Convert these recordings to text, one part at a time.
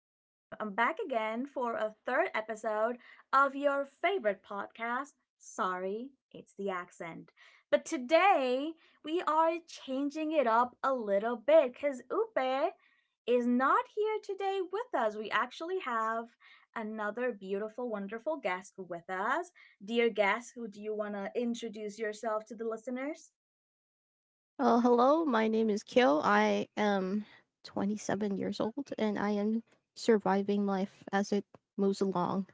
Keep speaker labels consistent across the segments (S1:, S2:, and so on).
S1: I am back again for a third episode of your favorite podcast. Sorry, it's the accent. But today we are changing it up a little bit because Upe is not here today with us. We actually have another beautiful, wonderful guest with us. Dear guest, who do you want to introduce yourself to the listeners?
S2: Hello, my name is Kyo. I am 27 years old and I am surviving life as it moves along.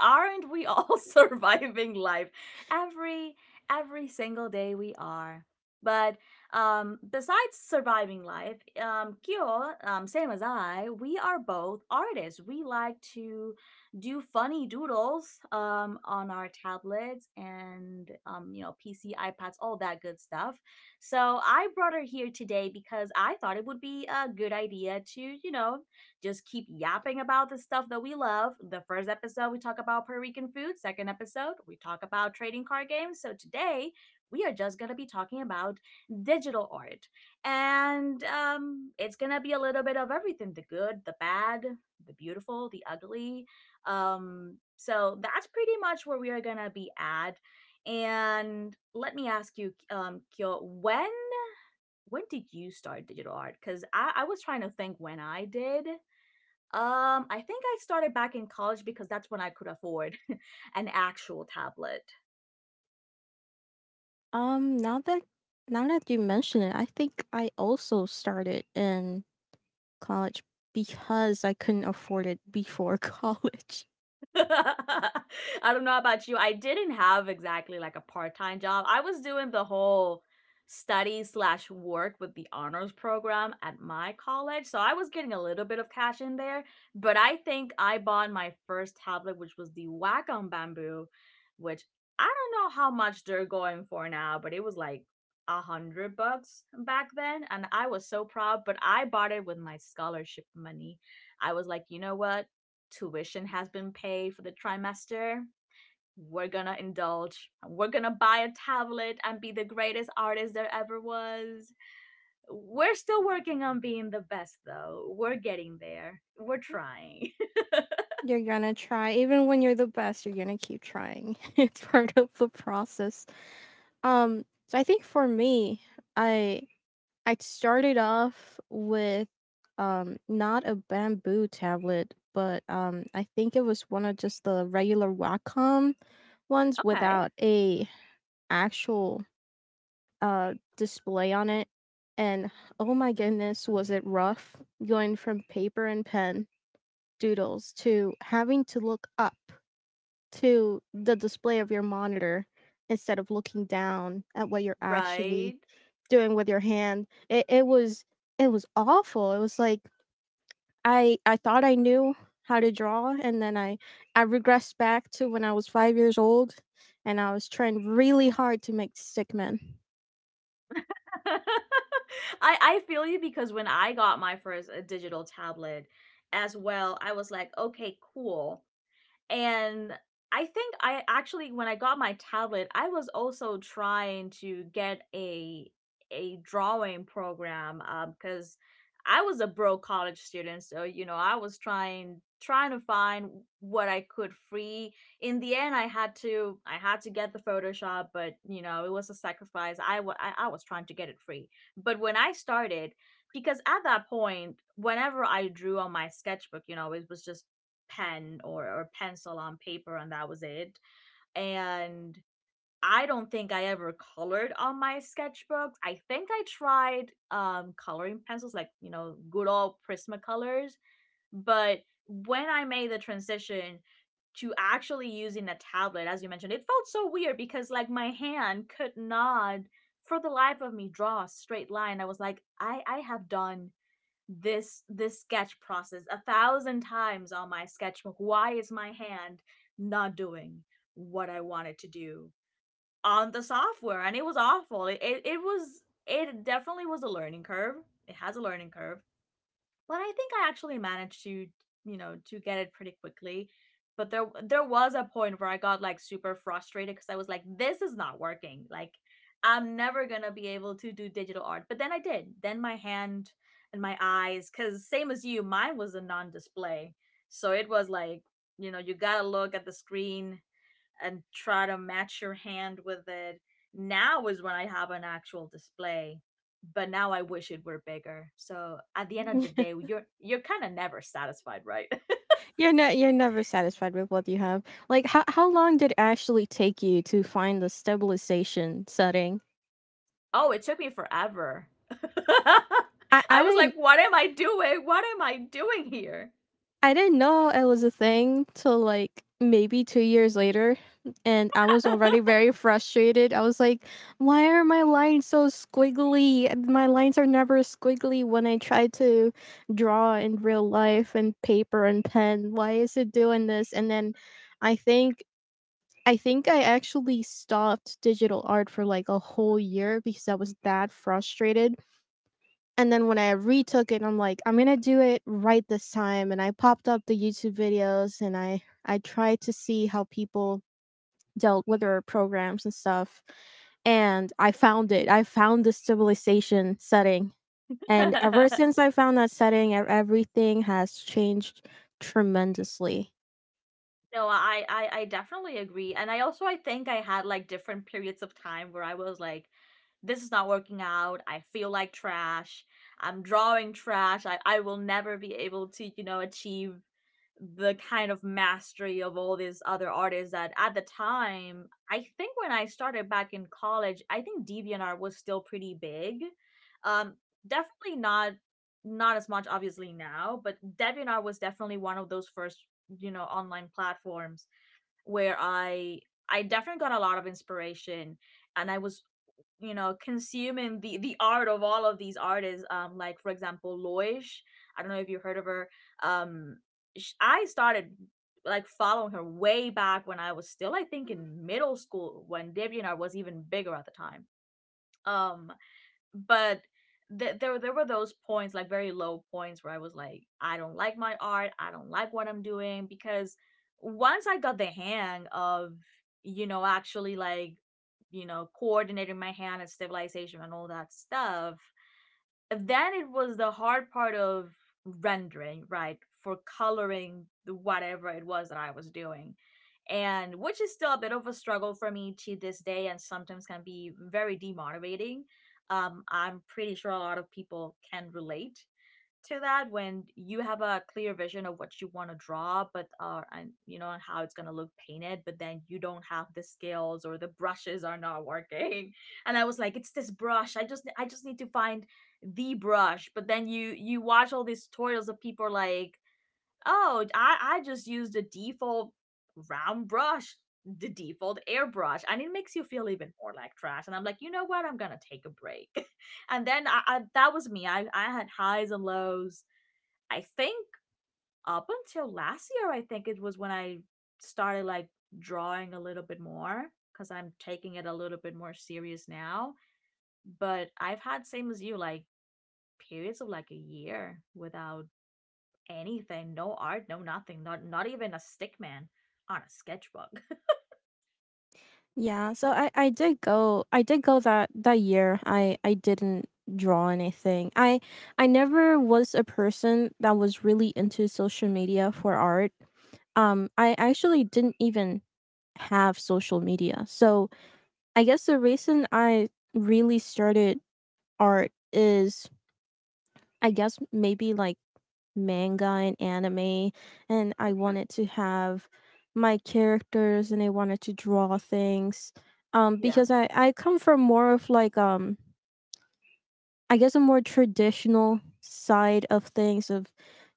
S1: Aren't we all surviving life? Every every single day we are. But besides surviving life, Kyo, same as I, we are both artists. We like to do funny doodles on our tablets and you know PC, iPads, all that good stuff. So I brought her here today because I thought it would be a good idea to just keep yapping about the stuff that we love. The first episode, we talk about Puerto Rican food. Second episode, we talk about trading card games. So today, we are just going to be talking about digital art. And it's going to be a little bit of everything, the good, the bad, the beautiful, the ugly. So that's pretty much where we are going to be at. And let me ask you, Kyo, when did you start digital art? Because I was trying to think when I did. I think I started back in college because that's when I could afford an actual tablet.
S2: Um, now that now that you mention it, I think I also started in college because I couldn't afford it before college.
S1: I don't know about you. I didn't have exactly like a part time job. I was doing the whole study slash work with the honors program at my college. So I was getting a little bit of cash in there. But I think I bought my first tablet, which was the Wacom Bamboo, which I don't know how much they're going for now, but it was like $100 back then. And I was so proud, but I bought it with my scholarship money. I was like, you know what? Tuition has been paid for the trimester. We're gonna indulge. We're gonna buy a tablet and be the greatest artist there ever was. We're still working on being the best, though. We're getting there. We're trying.
S2: You're gonna try, even when you're the best, you're gonna keep trying. It's part of the process. So I think for me, I I started off with not a bamboo tablet, but I think it was one of just the regular Wacom ones
S1: Okay,
S2: without a actual display on it, and oh my goodness was it rough going from paper and pen doodles to having to look up to the display of your monitor instead of looking down at what you're actually
S1: right.
S2: doing with your hand. It was it was awful. It was like I thought I knew how to draw, and then I regressed back to when I was 5 years old, and I was trying really hard to make stickmen.
S1: I I feel you because when I got my first digital tablet as well, I was like, okay, cool. And I think I actually, when I got my tablet, I was also trying to get a drawing program because I was a broke college student, so you know I was trying to find what I could free. In the end, I had to get the Photoshop, but you know it was a sacrifice. I w- I was trying to get it free, but when I started, because at that point, whenever I drew on my sketchbook, you know it was just pen or pencil on paper and that was it, and I don't think I ever colored on my sketchbooks. I think I tried coloring pencils, like you know, good old prismacolors, but when I made the transition to actually using a tablet, as you mentioned, it felt so weird because like my hand could not for the life of me draw a straight line. I was like, I have done this sketch process a thousand times on my sketchbook, why is my hand not doing what I wanted to do on the software? And it was awful. It definitely was a learning curve. It has a learning curve, but I think I actually managed to, you know, to get it pretty quickly. But there was a point where I got like super frustrated because I was like, this is not working. Like I'm never gonna be able to do digital art. But then I did. Then my hand and my eyes, cause same as you, mine was a non-display. So it was like, you know, you gotta look at the screen and try to match your hand with it. Now is when I have an actual display, but now I wish it were bigger. So at the end of the day, you're kind of never satisfied, right?
S2: You're never satisfied with what you have. Like, how long did it actually take you to find the stabilization setting?
S1: Oh, it took me forever.
S2: I,
S1: I
S2: I
S1: was
S2: didn't
S1: like, what am I doing? What am I doing here?
S2: I didn't know it was a thing till like maybe 2 years later, and I was already very frustrated. I was like, why are my lines so squiggly? My lines are never squiggly when I try to draw in real life and paper and pen. Why is it doing this? And then I think I think I actually stopped digital art for like a whole year because I was that frustrated. And then when I retook it, I'm like, I'm gonna do it right this time. And I popped up the YouTube videos, and I tried to see how people dealt with their programs and stuff. And I found it. I found the stabilization setting. And ever since I found that setting, everything has changed tremendously.
S1: No, I, I definitely agree. And I also, I think I had like different periods of time where I was like, this is not working out. I feel like trash. I'm drawing trash. I will never be able to, you know, achieve the kind of mastery of all these other artists that, at the time, I think when I started back in college, I think DeviantArt was still pretty big. Um, definitely not as much obviously now, but DeviantArt was definitely one of those first, you know, online platforms where I definitely got a lot of inspiration, and I was, you know, consuming the art of all of these artists, like for example Loish. I don't know if you heard of her. um I started like following her way back when I was still, I think, in middle school, when DeviantArt was even bigger at the time. um but there were those points, like very low points, where I was like, I don't like my art, I don't like what I'm doing, because once I got the hang of, you know, actually like, you know, coordinating my hand and stabilization and all that stuff, then it was the hard part of rendering, right, for coloring whatever it was that I was doing, and which is still a bit of a struggle for me to this day and sometimes can be very demotivating. I'm pretty sure a lot of people can relate to that, when you have a clear vision of what you want to draw, but and you know, and how it's going to look painted, but then you don't have the scales or the brushes are not working. And I was like, it's this brush, I just need to find the brush. But then you watch all these tutorials of people like, oh, I just use the default round brush, the default airbrush, and it makes you feel even more like trash, and I'm like, you know what, I'm gonna take a break. And then I that was me. I had highs and lows. I think up until last year, I think it was when I started like drawing a little bit more because I'm taking it a little bit more serious now. But I've had, same as you, like periods of like a year without anything, no art, no nothing, not even a stick man on a sketchbook.
S2: Yeah, so I did go that that year. I didn't draw anything. I never was a person that was really into social media for art. I actually didn't even have social media. So I guess the reason I really started art is I guess maybe like manga and anime, and I
S1: Mhm.
S2: wanted to have my characters and I wanted to draw things
S1: Yeah.
S2: because I come from more of like I guess a more traditional side of things of,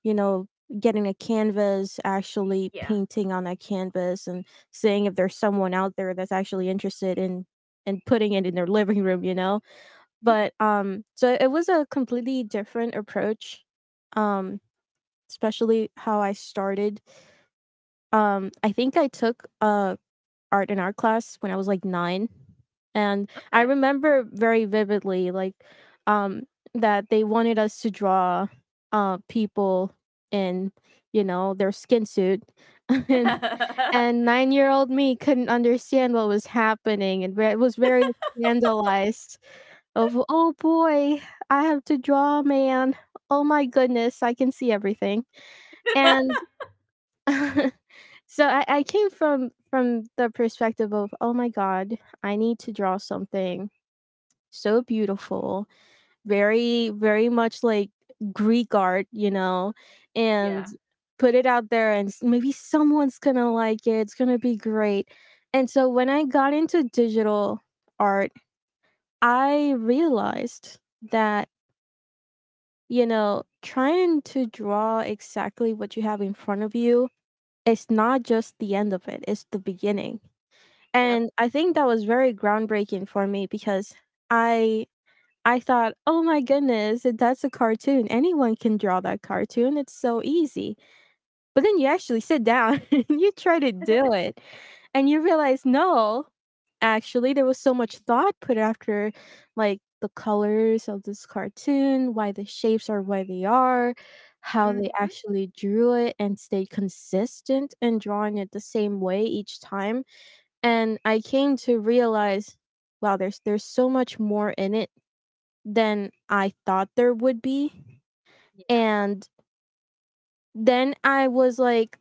S2: you know, getting a canvas, actually
S1: Yeah.
S2: painting on a canvas and seeing if there's someone out there that's actually interested in and putting it in their living room, you know. But So it was a completely different approach, um especially how I started. I think I took art and art class when I was like nine, and I
S1: Okay.
S2: remember very vividly, like, um that they wanted us to draw people in, you know, their skin suit, and 9 year old me couldn't understand what was happening and was very scandalized of, oh boy, I have to draw a man, oh my goodness, I can see everything. And so I came from the perspective of, oh my god, I need to draw something so beautiful, very very much like Greek art, you know, and
S1: Yeah.
S2: put it out there, and maybe someone's gonna like it, it's gonna be great. And so when I got into digital art, I realized that, you know, trying to draw exactly what you have in front of you, it's not just the end of it, it's the beginning.
S1: Yep.
S2: And I think that was very groundbreaking for me, because I I thought, "Oh my goodness, that's a cartoon. Anyone can draw that cartoon. It's so easy." But then you actually sit down and you try to do it and you realize, "No, actually, there was so much thought put after like the colors of this cartoon, why the shapes are why they are, how they
S1: Mhm.
S2: actually drew it and stayed consistent in drawing it the same way each time." And I came to realize, wow, there's so much more in it than I thought there would be.
S1: Yeah.
S2: And then I was like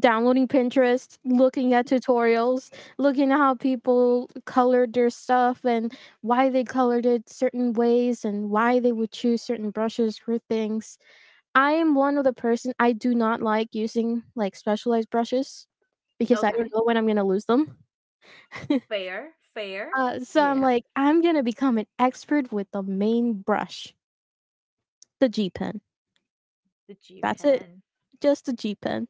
S2: downloading Pinterest, looking at tutorials, looking at how people colored their stuff and why they colored it certain ways and why they would choose certain brushes for things. I am one of the person, I do not like using like specialized brushes because I don't
S1: Okay.
S2: know when I'm going to lose them.
S1: Fair. Fair.
S2: So I'm
S1: Yeah.
S2: like, I'm going to become an expert with the main brush, the G pen.
S1: The G
S2: That's it.
S1: pen.
S2: Just the G pen.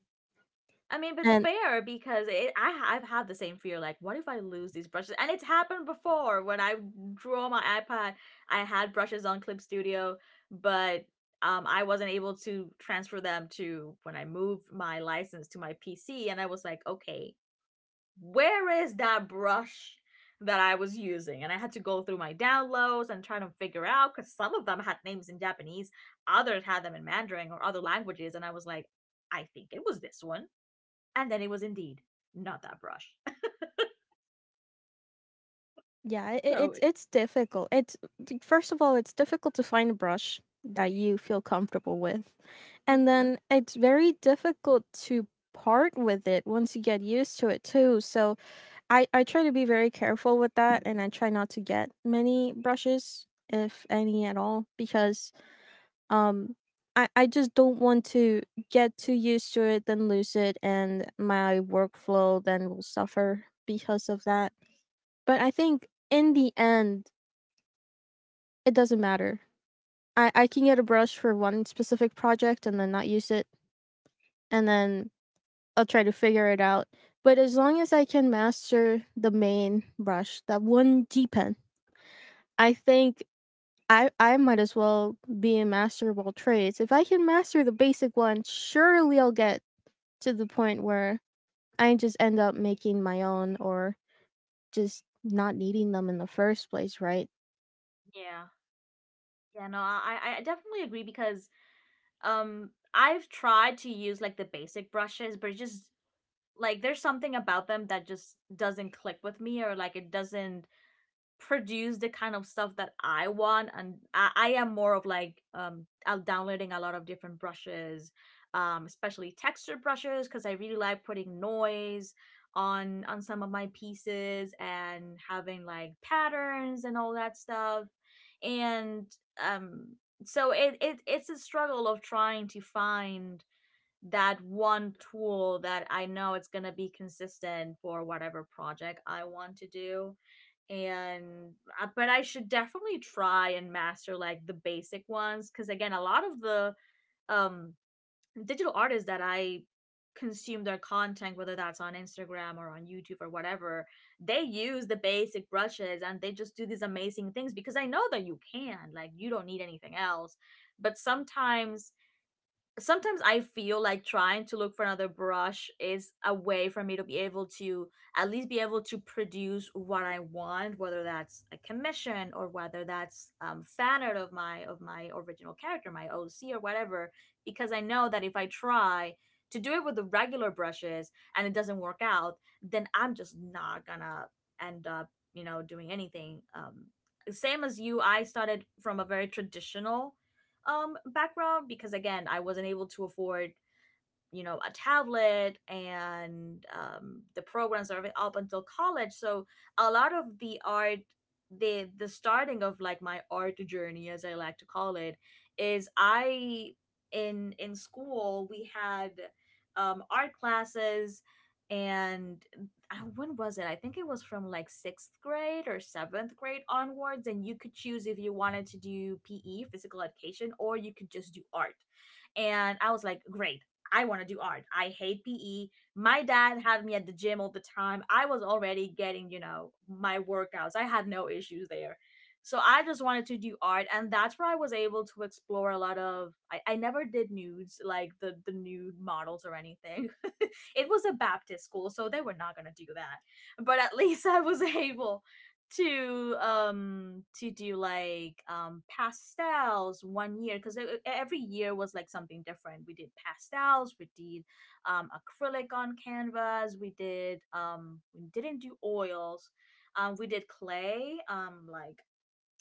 S1: I mean, but it's
S2: And
S1: fair because it, I I've had the same fear. Like, what if I lose these brushes? And it's happened before when I drew on my iPad. I had brushes on Clip Studio, but I wasn't able to transfer them to when I moved my license to my PC. And I was like, okay, where is that brush that I was using? And I had to go through my downloads and try to figure out, because some of them had names in Japanese, others had them in Mandarin or other languages, and I was like, I think it was this one, and then it was indeed not that brush.
S2: Yeah,
S1: No way.
S2: it's difficult. It's first of all, it's difficult to find a brush that you feel comfortable with. And
S1: Mm-hmm.
S2: then it's very difficult to part with it once you get used to it too. So I try to be very careful with that, and I try not to get many brushes if any at all because um I just don't want to get too used to it, then lose it, and my workflow then will suffer because of that. But I think in the end, it doesn't matter. I can get a brush for one specific project and then not use it, and then I'll try to figure it out. But as long as I can master the main brush, that one G pen, I think I might as well be a master of all trades. If I can master the basic one, surely I'll get to the point where I just end up making my own or just not needing them in the first place, right?
S1: Yeah. Yeah, no, I definitely agree because I've tried to use like the basic brushes, but it just, like there's something about them that just doesn't click with me, or like it doesn't produce the kind of stuff that I want, and I am more of like, I'm downloading a lot of different brushes, especially texture brushes, because I really like putting noise on some of my pieces and having like patterns and all that stuff, and um, it's a struggle of trying to find that one tool that I know it's gonna be consistent for whatever project I want to do, and but I should definitely try and master like the basic ones, because again, a lot of the um digital artists that I consume their content, whether that's on Instagram or on YouTube or whatever, they use the basic brushes and they just do these amazing things, because I know that you can, like, you don't need anything else. But sometimes I feel like trying to look for another brush is a way for me to be able to at least be able to produce what I want, whether that's a commission or whether that's fan art of my original character, my OC or whatever. Because I know that if I try to do it with the regular brushes and it doesn't work out, then I'm just not gonna end up doing anything. Same as you, I started from a very traditional background, because again I wasn't able to afford a tablet and the programs, are up until college. So a lot of the art, the starting of like my art journey, as I like to call it, is I in school we had art classes. And when was it, I think it was from like sixth grade or seventh grade onwards, and you could choose if you wanted to do PE, physical education, or you could just do art. And I was like, great, I want to do art. I hate PE. My dad had me at the gym all the time. I was already getting, my workouts. I had no issues there. So I just wanted to do art, and that's where I was able to explore a lot of, I never did nudes, like the nude models or anything. It was a Baptist school, so they were not gonna do that. But at least I was able to do like pastels one year, because every year was like something different. We did pastels, we did acrylic on canvas, we didn't do oils, we did clay, like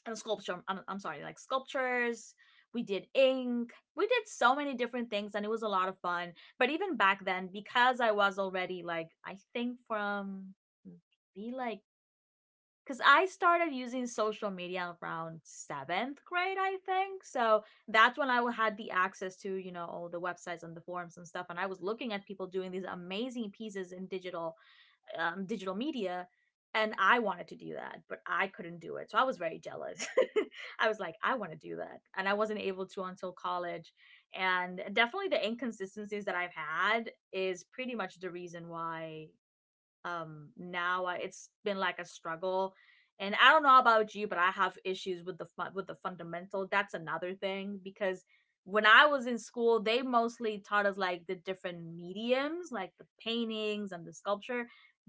S1: and sculpture, I'm sorry, like sculptures, we did ink, we did so many different things, and it was a lot of fun. But even back then, because I was already like, I think, from be like because I started using social media around seventh grade, I think. So that's when I had the access to all the websites and the forums and stuff. And I was looking at people doing these amazing pieces in digital media, and I wanted to do that, but I couldn't do it. So I was very jealous. I was like, I want to do that, and I wasn't able to until college. And definitely, the inconsistencies that I've had is pretty much the reason why now, it's been like a struggle. And I don't know about you, but I have issues with the fundamental. That's another thing, because when I was in school, they mostly taught us like the different mediums, like the paintings and the sculpture,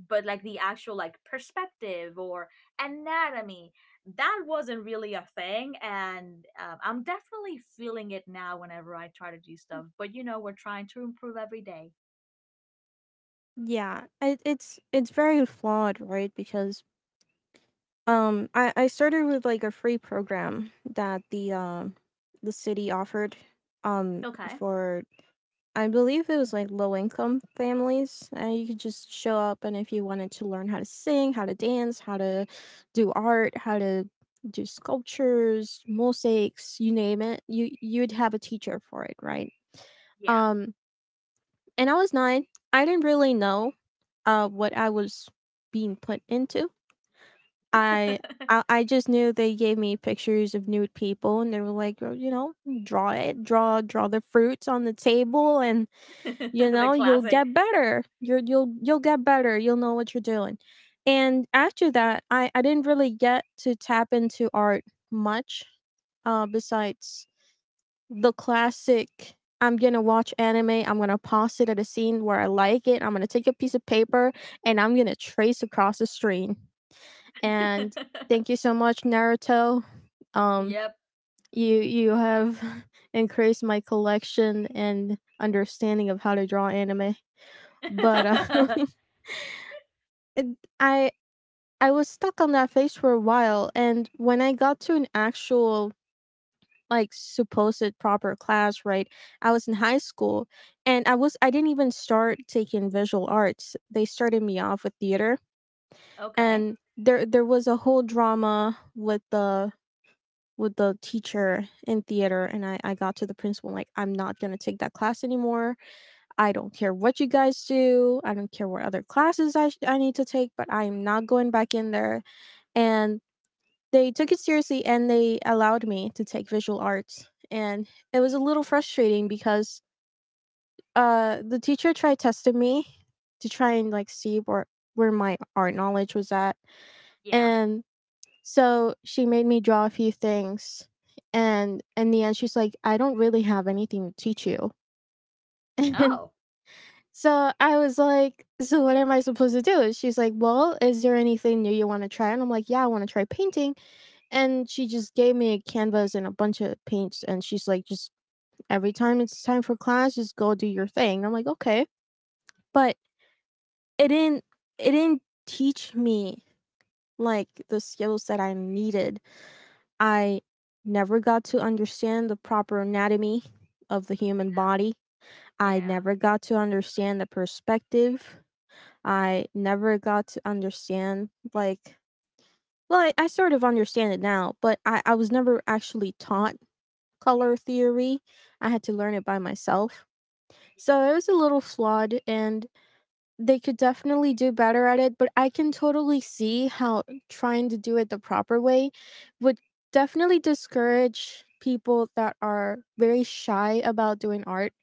S1: but like the actual like perspective or anatomy, that wasn't really a thing. And I'm definitely feeling it now whenever I try to do stuff, but you know, we're trying to improve every day.
S2: Yeah, it's it's very flawed, right? Because I started with like a free program that the city offered
S1: Okay.
S2: for, I believe it was like low income families. And you could just show up, and if you wanted to learn how to sing, how to dance, how to do art, how to do sculptures, mosaics, you name it, you would have a teacher for it, right?
S1: Yeah.
S2: Um and I was 9. I didn't really know what I was being put into. I I I just knew they gave me pictures of nude people, and they were like, "Oh, you know, draw it, draw the fruits on the table, and you
S1: The
S2: know, you'll
S1: classic.
S2: get better. You'll get better. You'll know what you're doing." And after that, I didn't really get to tap into art much besides the classic, I'm gonna watch anime. I'm gonna pause it at a scene where I like it. I'm gonna take a piece of paper and I'm gonna trace across the screen, and thank you so much Naruto, um
S1: Yep.
S2: you you have increased my collection and understanding of how to draw anime. But it- i I was stuck on that phase for a while, and when I got to an actual like supposed proper class, right, I was in high school, and I didn't even start taking visual arts. They started me off with theater,
S1: Okay.
S2: and there was a whole drama with the teacher in theater, and I got to the principal, like, I'm not going to take that class anymore. I don't care what you guys do, I don't care what other classes I need to take, but I'm not going back in there. And they took it seriously, and they allowed me to take visual arts, and it was a little frustrating because the teacher tried testing me to try and like see where my art knowledge was at,
S1: Yeah.
S2: and so she made me draw a few things, and in the end, she's like, "I don't really have anything to teach you." And
S1: Oh.
S2: so I was like, "So what am I supposed to do?" And she's like, "Well, is there anything new you want to try?" And I'm like, "Yeah, I want to try painting." And she just gave me a canvas and a bunch of paints, and she's like, "Just every time it's time for class, just go do your thing." I'm like, "Okay," but it didn't it didn't teach me like the skills that I needed. I never got to understand the proper anatomy of the human body. I
S1: Yeah.
S2: never got to understand the perspective. I never got to understand, like, well, I sort of understand it now, but I was never actually taught color theory. I had to learn it by myself. So it was a little flawed, and they could definitely do better at it, but I can totally see how trying to do it the proper way would definitely discourage people that are very shy about doing art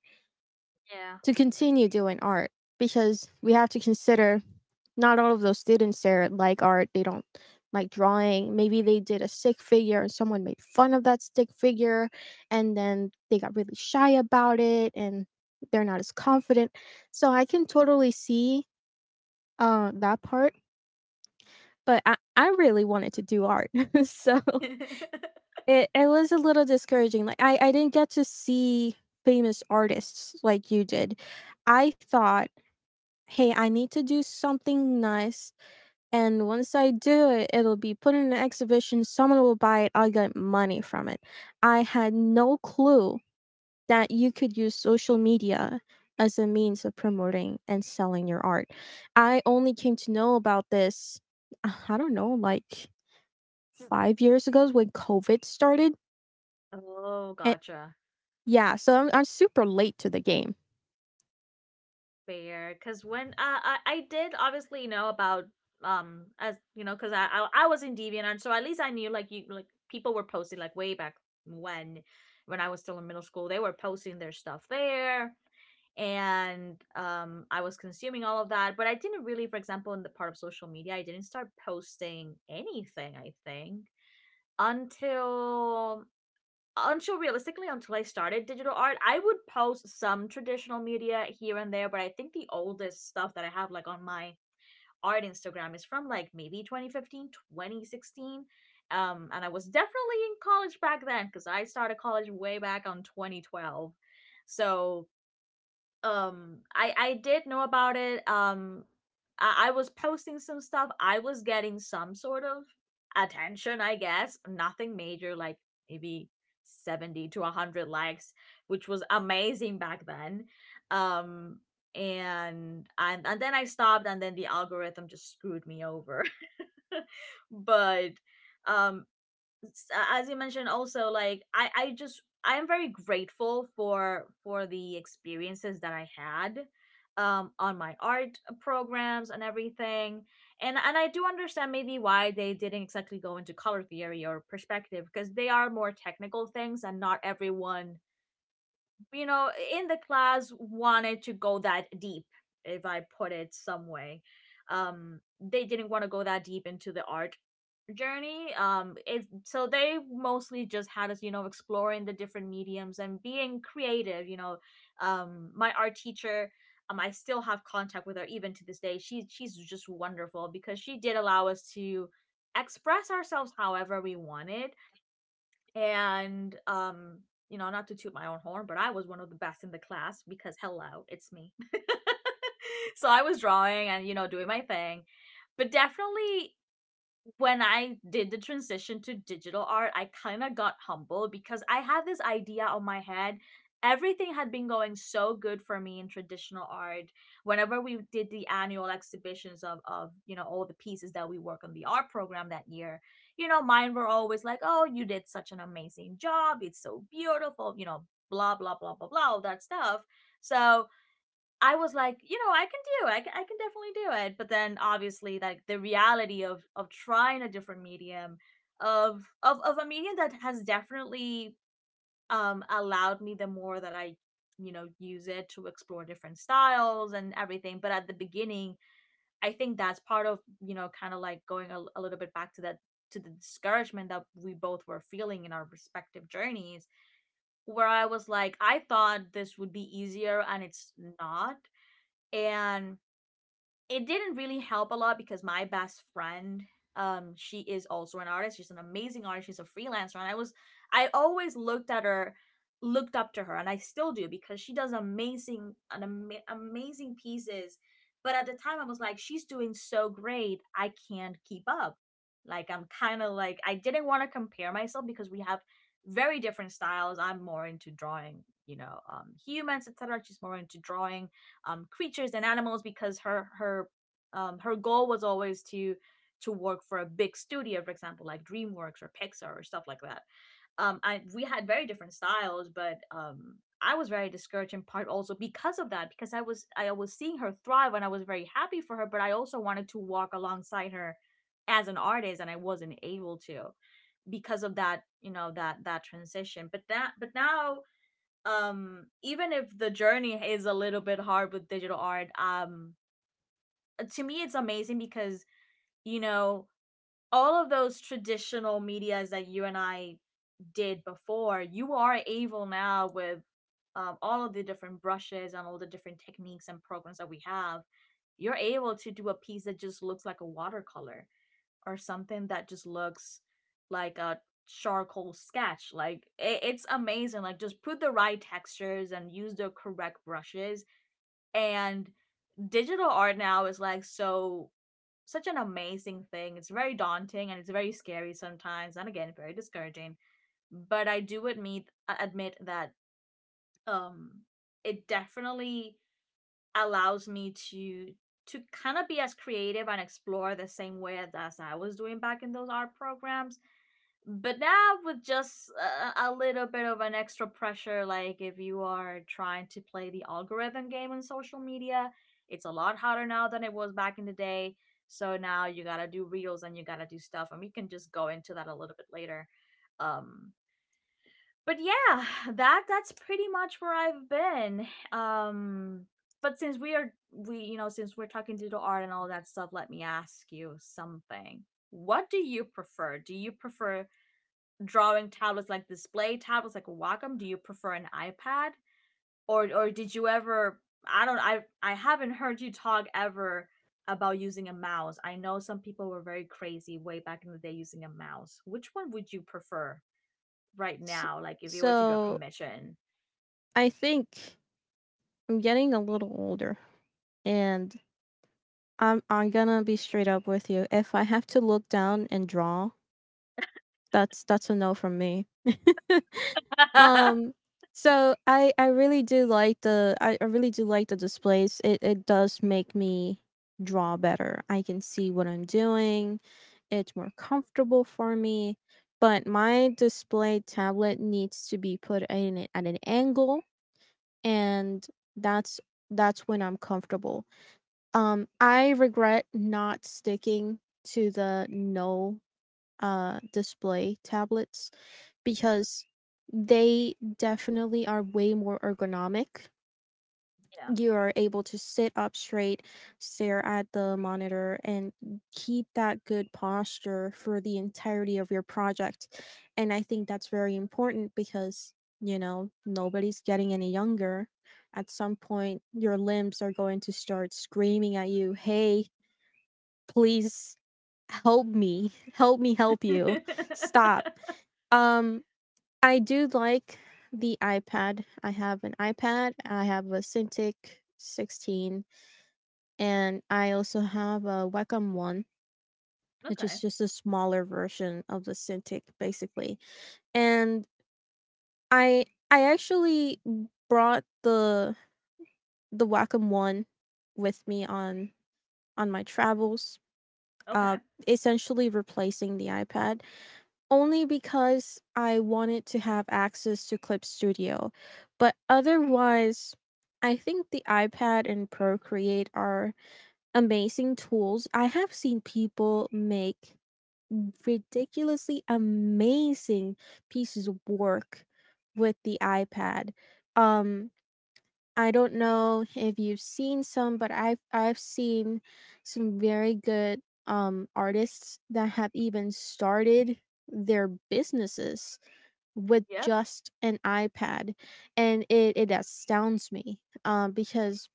S2: to continue doing art because we have to consider not all of those students there like art. They don't like drawing. Maybe they did a stick figure and someone made fun of that stick figure and then they got really shy about it and they're not as confident. So I can totally see that part, but I really wanted to do art. So
S1: Yeah.
S2: it was a little discouraging, like, I didn't get to see famous artists like you did. I thought, "Hey, I need to do something nice, and once I do it, it'll be put in an exhibition, someone will buy it, I'll get money from it." I had no clue that you could use social media as a means of promoting and selling your art. I only came to know about this, I don't know, like 5 years ago when COVID started.
S1: Oh,
S2: And
S1: gotcha.
S2: yeah, so I'm super late to the game.
S1: Fair. Because when I did obviously know about, as you know, because I was in DeviantArt, so at least I knew, like you, like people were posting, like, way back when, I was still in middle school, they were posting their stuff there. And I was consuming all of that. But I didn't really, for example, in the part of social media, I didn't start posting anything. I think until, realistically until, I started digital art. I would post some traditional media here and there. But I think the oldest stuff that I have, like, on my art Instagram is from like maybe 2015, 2016. And I was definitely in college back then, because I started college way back on 2012. So I did know about it, I was posting some stuff. I was getting some sort of attention, I guess. Nothing major, like maybe 70 to 100 likes, which was amazing back then. um and then I stopped, and then the algorithm just screwed me over. But um as you mentioned also, like, I just I am very grateful for the experiences that I had, on my art, programs and everything. And I do understand maybe why they didn't exactly go into color theory or perspective, because they are more technical things, and not everyone, in the class, wanted to go that deep. If I put it some way, they didn't want to go that deep into the art journey. It So they mostly just had us, exploring the different mediums and being creative, my art teacher, I still have contact with her even to this day. She's just wonderful, because she did allow us to express ourselves however we wanted. And not to toot my own horn, but I was one of the best in the class, because hello, it's me. So I was drawing and, doing my thing. But definitely, when I did the transition to digital art, I kind of got humble, because I had this idea on my head. Everything had been going so good for me in traditional art. Whenever we did the annual exhibitions of all the pieces that we work on the art program that year, mine were always like, "Oh, you did such an amazing job! It's so beautiful!" Blah blah blah blah blah, all that stuff. So I was like, I can do it. I can definitely do it. But then obviously, like, the reality of trying a different medium, of a medium that has definitely allowed me, the more that I, use it, to explore different styles and everything. But at the beginning, I think that's part of, kind of like going a little bit back to that, to the discouragement that we both were feeling in our respective journeys, where I was like, I thought this would be easier, and it's not. And it didn't really help a lot, because my best friend, she is also an artist, she's an amazing artist, she's a freelancer. And I always looked at her, looked up to her, and I still do, because she does amazing pieces. But at the time I was like, she's doing so great, I can't keep up. Like, I'm kind of like, I didn't want to compare myself, because we have very different styles. I'm more into drawing, humans, etc. She's more into drawing creatures and animals, because her goal was always to work for a big studio, for example, like DreamWorks or Pixar or stuff like that. I We had very different styles, but I was very discouraged, in part also because of that, because I was seeing her thrive, and I was very happy for her, but I also wanted to walk alongside her as an artist, and I wasn't able to because of that, that transition. But now, even if the journey is a little bit hard with digital art, to me it's amazing, because, you know all of those traditional medias that you and I did before, you are able now with all of the different brushes and all the different techniques and programs that we have, you're able to do a piece that just looks like a watercolor, or something that just looks like a charcoal sketch. Like, it's amazing. Like, just put the right textures and use the correct brushes. And digital art now is like such an amazing thing. It's very daunting, and it's very scary sometimes, and again very discouraging. But I do admit that um it definitely allows me to kind of be as creative and explore the same way as I was doing back in those art programs, but now with just a little bit of an extra pressure. Like, if you are trying to play the algorithm game on social media, it's a lot harder now than it was back in the day. So now you gotta do reels, and you gotta do stuff, and we can just go into that a little bit later. um but yeah. That's pretty much where I've been. um but since we are we you know since we're talking digital art and all that stuff, let me ask you something. What do you prefer? Drawing tablets, like display tablets, like a Wacom? Do you prefer an iPad? Or did you ever, I don't I haven't heard you talk ever about using a mouse. I know some people were very crazy way back in the day using a mouse. Which one would you prefer right
S2: S-
S1: now? Like if you were to do a
S2: So
S1: commission.
S2: I think I'm getting a little older and I'm gonna be straight up with you. If I have to look down and draw, that's a no from me.
S1: Yeah.
S2: Um, so I really do like the. I really do like the displays. It does make me draw better. I can see what I'm doing. It's more comfortable for me. But my display tablet needs to be put in it at an angle and that's that's when I'm comfortable. I regret not sticking to the no display tablets because they definitely are way more ergonomic. You are able to sit up straight, stare at the monitor, and keep that good posture for the entirety of your project. And I think that's very important because, you know, nobody's getting any younger. At some point, your limbs are going to start screaming at you, "Hey, please help me, help me help
S1: Okay.
S2: you, stop." Um, I do like the iPad. I have an iPad. I have a Cintiq 16, and I also have a Wacom One, which is just a smaller version of the Cintiq, basically. And I actually brought the Wacom One with me on my travels,
S1: Okay.
S2: uh, essentially replacing the iPad only because I wanted to have access to Clip Studio. But otherwise, I think the iPad and Procreate are amazing tools. I have seen people make ridiculously amazing pieces of work with the iPad. Um I don't know if you've seen some, but I've seen some very good artists that have even started their businesses with
S1: Yep.
S2: just an iPad, and it astounds me because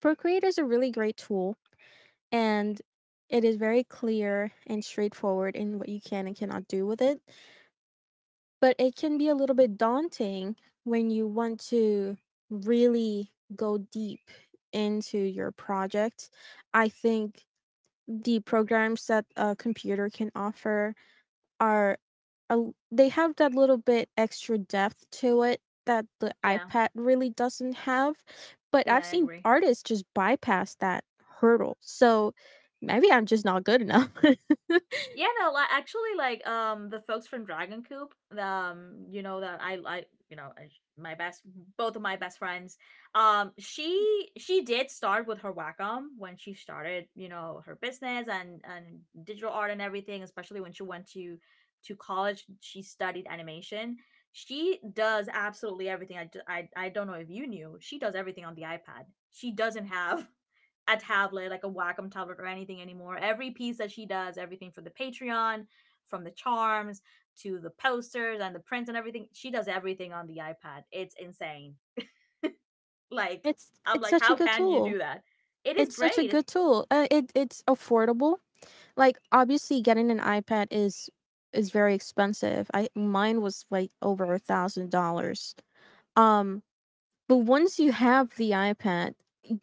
S2: Procreate is a really great tool, and it is very clear and straightforward in what you can and cannot do with it. But it can be a little bit daunting when you want to really go deep into your project. I think the programs that a computer can offer are a l they have that little bit extra depth to it that the
S1: Yeah.
S2: iPad really doesn't have, but
S1: Yeah,
S2: I've
S1: I
S2: seen
S1: agree.
S2: artists just bypass that hurdle, so maybe I'm just not good enough.
S1: Yeah, no, like actually, the folks from Dragon Coop, you know that I like, you know, my best, both of my best friends, she did start with her Wacom when she started, you know, her business and digital art and everything. Especially when she went to college, she studied animation. She does absolutely everything. I don't know if you knew. She does everything on the iPad. She doesn't have a tablet, like a Wacom tablet or anything anymore. Every piece that she does, everything for the Patreon, from the charms to the posters and the prints and everything, she does everything on the iPad. It's insane. Like,
S2: It's
S1: I'm like,
S2: such a
S1: how
S2: good
S1: can you do
S2: tool.
S1: that? It is
S2: It's such a
S1: great.
S2: good tool. It's affordable. Like obviously getting an iPad is very expensive. I mine was like over a $1,000. Um But once you have the iPad,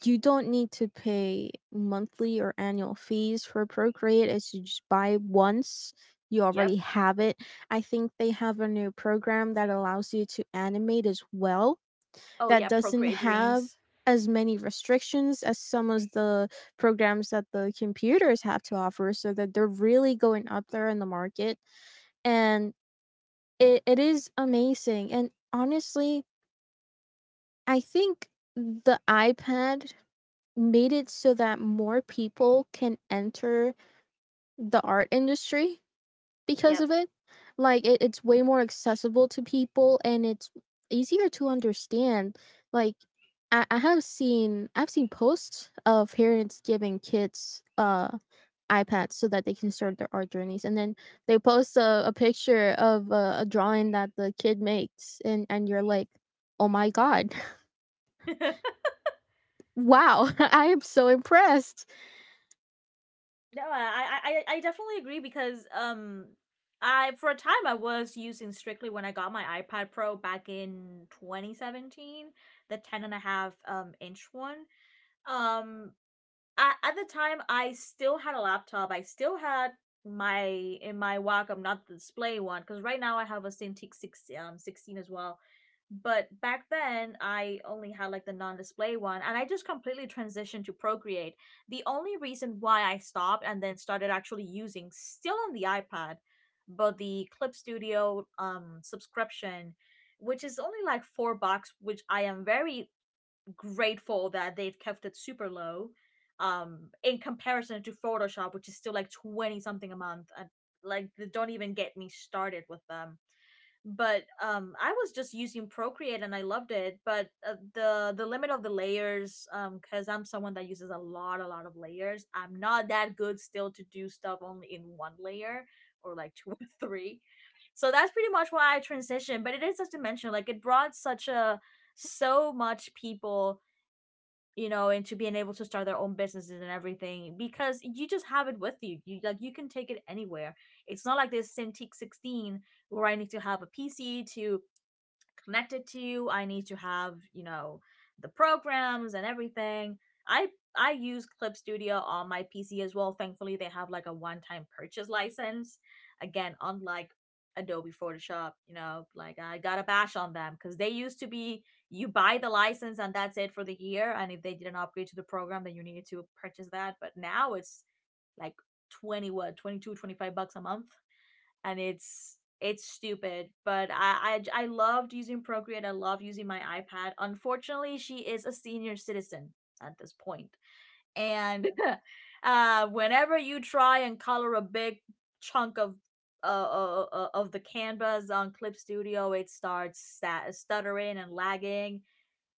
S2: you don't need to pay monthly or annual fees for Procreate. As you just buy once, you already
S1: Yep.
S2: have it. I think they have a new program that allows you to animate as well,
S1: Oh
S2: that
S1: yeah,
S2: doesn't
S1: procreate
S2: have
S1: dreams.
S2: as many restrictions as some of the programs that the computers have to offer, so that they're really going up there in the market. And it is amazing. And honestly, I think the iPad made it so that more people can enter the art industry because
S1: Yep.
S2: of it. Like it's way more accessible to people and it's easier to understand. Like I have seen I've seen posts of parents giving kids iPads so that they can start their art journeys and then they post a picture of a drawing that the kid makes and you're like, "Oh my god, wow, I am so impressed."
S1: No, I definitely agree because I for a time I was using strictly when I got my iPad Pro back in 2017, the 10 and a half inch one. Um, I, at the time, I still had a laptop. I still had my in my Wacom, not the display one, because right now I have a Cintiq 16 as well. But back then, I only had like the non-display one, and I just completely transitioned to Procreate. The only reason why I stopped and then started actually using still on the iPad, but the Clip Studio subscription, which is only like $4, which I am very grateful that they've kept it super low in comparison to Photoshop, which is still like 20 something a month, and like don't even get me started with them. But I was just using Procreate and I loved it, but the limit of the layers, um, cuz I'm someone that uses a lot of layers. I'm not that good still to do stuff only in one layer or like two or three. So that's pretty much why I transitioned, but it is, as you mentioned, like it brought such a so much people, you know, into being able to start their own businesses and everything because you just have it with you. You you can take it anywhere. It's not like this Cintiq 16 where I need to have a PC to connected to you. I need to have, you know, the programs and everything. I I use Clip Studio on my PC as well. Thankfully, they have like a one-time purchase license. Again, unlike Adobe Photoshop, you know, like I got a bash on them because they used to be, you buy the license and that's it for the year. And if they didn't upgrade to the program, then you needed to purchase that. But now it's like 20, what, $22, $25 a month, and it's stupid. But I loved using Procreate, I love using my iPad. Unfortunately, she is a senior citizen at this point. And whenever you try and color a big chunk of the canvas on Clip Studio, it starts stuttering and lagging,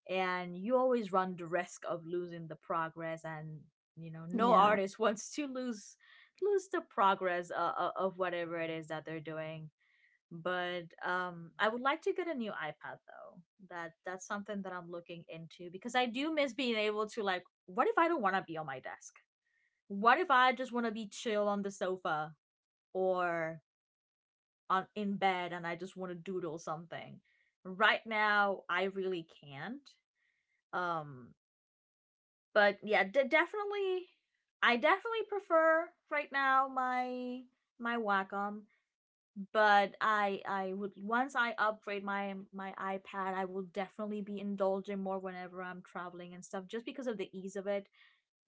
S1: and you always run the risk of losing the progress. And you know, no
S2: Yeah.
S1: artist wants to lose lose the progress of whatever it is that they're doing. But I would like to get a new iPad, though. That's something that I'm looking into, because I do miss being able to, like, what if I don't want to be on my desk? What if I just want to be chill on the sofa, or on in bed, and I just want to doodle something? Right now I really can't. Um, but yeah, definitely, I definitely prefer right now my Wacom, but I would, once I upgrade my my iPad, I will definitely be indulging more whenever I'm traveling and stuff, just because of the ease of it.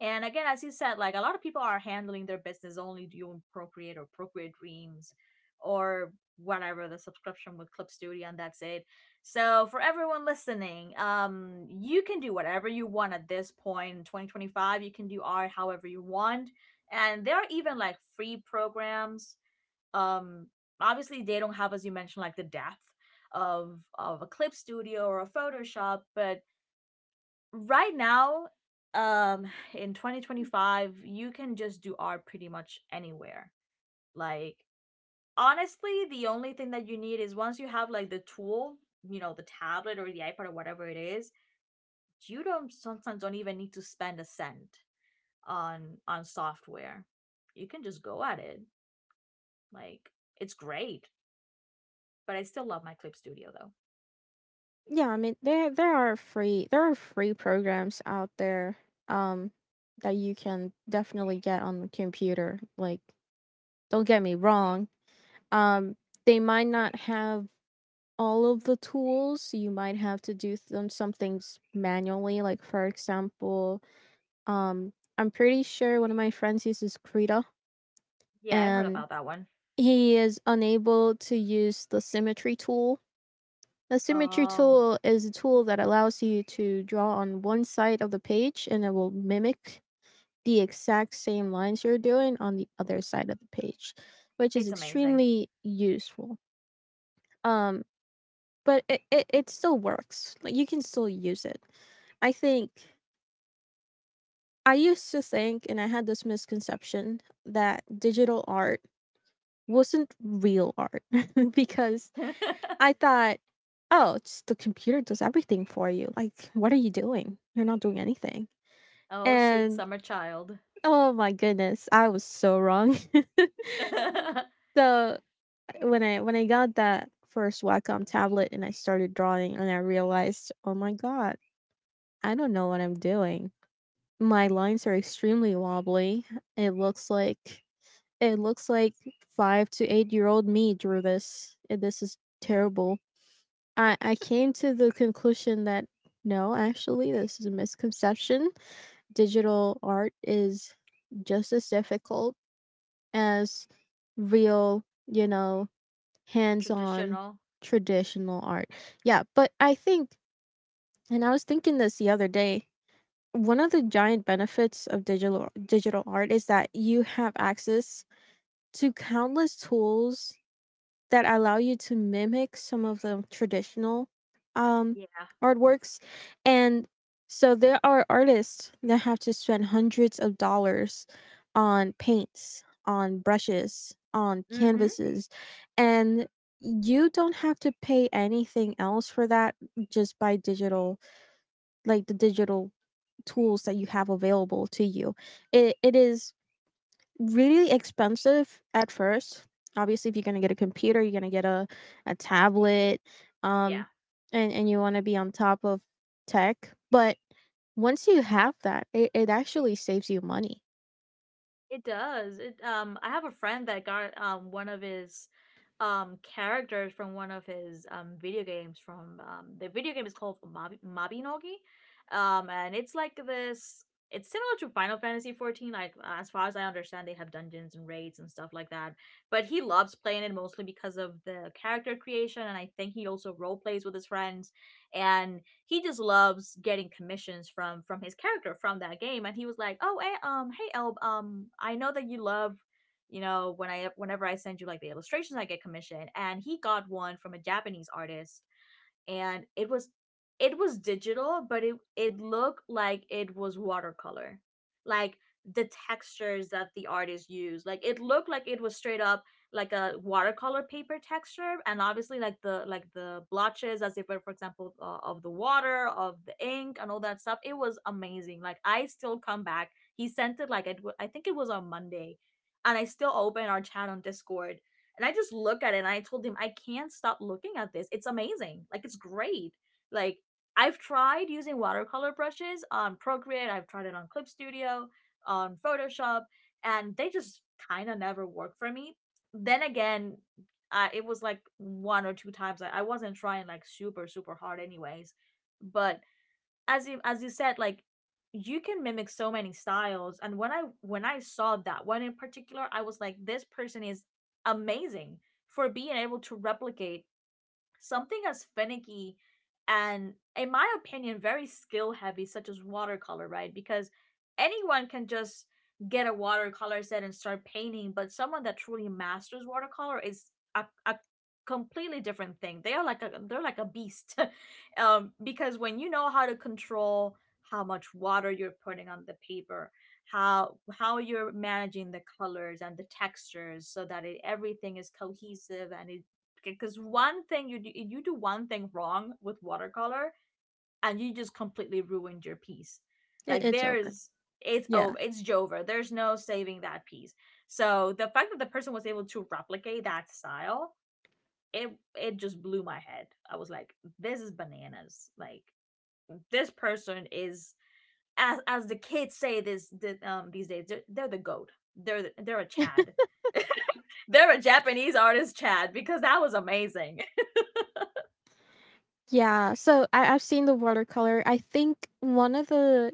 S1: And again, as you said, like a lot of people are handling their business only doing Procreate or Procreate dreams, or whatever, the subscription with Clip Studio, and that's it. So for everyone listening, you can do whatever you want at this point in 2025. You can do art however you want. And there are even like free programs. Um, obviously they don't have, as you mentioned, like the depth of a Clip Studio or a Photoshop, but right now um in 2025 you can just do art pretty much anywhere. Like, honestly, the only thing that you need is once you have like the tool, you know, the tablet or the iPad or whatever it is, you don't sometimes don't even need to spend a cent on software. You can just go at it. Like, it's great. But I still love my Clip Studio, though.
S2: Yeah, I mean there are free programs out there um that you can definitely get on the computer. Like don't get me wrong. Um they might not have all of the tools. You might have to do them some things manually. Like for example, um I'm pretty sure one of my friends uses Krita
S1: Yeah, I heard
S2: and
S1: about that one.
S2: he is unable to use the symmetry tool. A symmetry
S1: Oh,
S2: tool is a tool that allows you to draw on one side of the page and it will mimic the exact same lines you're doing on the other side of the page, which is
S1: it's amazing.
S2: extremely useful. Um, but it still works. Like you can still use it. I think I used to think, and I had this misconception that digital art wasn't real art because I thought, "Oh, it's the computer does everything for you. Like, what are you doing? You're not doing anything."
S1: Oh sweet
S2: And
S1: summer child.
S2: oh my goodness, I was so wrong. So when I got that first Wacom tablet and I started drawing and I realized, oh my god, I don't know what I'm doing. My lines are extremely wobbly. It looks like it looks like 5 to 8 year old me drew this. This is terrible. I came to the conclusion that no, actually, this is a misconception. Digital art is just as difficult as real, you know, hands-on
S1: Traditional.
S2: traditional art. Yeah, but I think, and I was thinking this the other day, one of the giant benefits of digital art is that you have access to countless tools that allow you to mimic some of the traditional um,
S1: Yeah.
S2: artworks. And so there are artists that have to spend hundreds of dollars on paints, on brushes, on
S1: Mhm.
S2: canvases. And you don't have to pay anything else for that just by digital, like the digital tools that you have available to you. It is really expensive at first. Obviously, if you're gonna get a computer, you're gonna get a tablet,
S1: Yeah.
S2: um, and you want to be on top of tech. But once you have that, it actually saves you money.
S1: It does. It, um, I have a friend that got one of his characters from one of his video games, from the video game is called Mabinogi. Um, and it's like this, it's similar to Final Fantasy 14, like, as far as I understand they have dungeons and raids and stuff like that. But he loves playing it mostly because of the character creation, and I think he also role plays with his friends. And he just loves getting commissions from his character from that game. And he was like, oh eh, um, hey elb, um, I know that you love, you know, when I whenever I send you like the illustrations I get commission. And he got one from a Japanese artist, and it was, it was digital, but it looked like it was watercolor. Like, the textures that the artist used, like it looked like it was straight up like a watercolor paper texture, and obviously like the blotches as if were, for example, of the water, of the ink, and all that stuff. It was amazing. Like, I still come back, he sent it like it I think it was on Monday, and I still open our chat on Discord, and I just look at it and I told him, I can't stop looking at this. It's amazing. Like, it's great. Like, I've tried using watercolor brushes on Procreate, I've tried it on Clip Studio, on Photoshop, and they just kind of never work for me. Then again, it was like one or two times. I wasn't trying like super, super hard, anyways. But as you said, like, you can mimic so many styles. And when I saw that one in particular, I was like, this person is amazing for being able to replicate something as finicky and, in my opinion, very skill heavy, such as watercolor, right? Because anyone can just get a watercolor set and start painting, but someone that truly masters watercolor is a completely different thing. They are like a, they're like a beast, because when you know how to control how much water you're putting on the paper, how you're managing the colors and the textures, so that it, everything is cohesive, and it, okay, because one thing you do one thing wrong with watercolor and you just completely ruined your piece.
S2: It,
S1: Like,
S2: it's
S1: there
S2: open.
S1: is, it's
S2: Yeah,
S1: over, it's Jover. There's no saving that piece. So the fact that the person was able to replicate that style, it just blew my head. I was like, this is bananas. Like this person is, as the kids say this, this these days, they're the goat. They're a Chad. They're a Japanese artist Chad, because that was amazing.
S2: yeah. So I, I've seen the watercolor. I think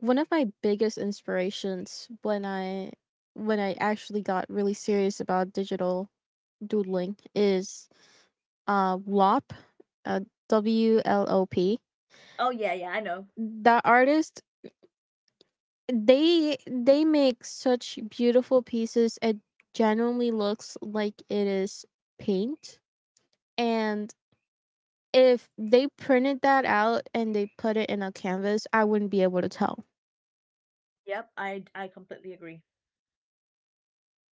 S2: one of my biggest inspirations when I actually got really serious about digital doodling is Wlop, uh, WLOP.
S1: Oh yeah, yeah, I know.
S2: The artist, they make such beautiful pieces. It genuinely looks like it is paint. And if they printed that out and they put it in a canvas, I wouldn't be able to tell.
S1: Yep, I completely agree.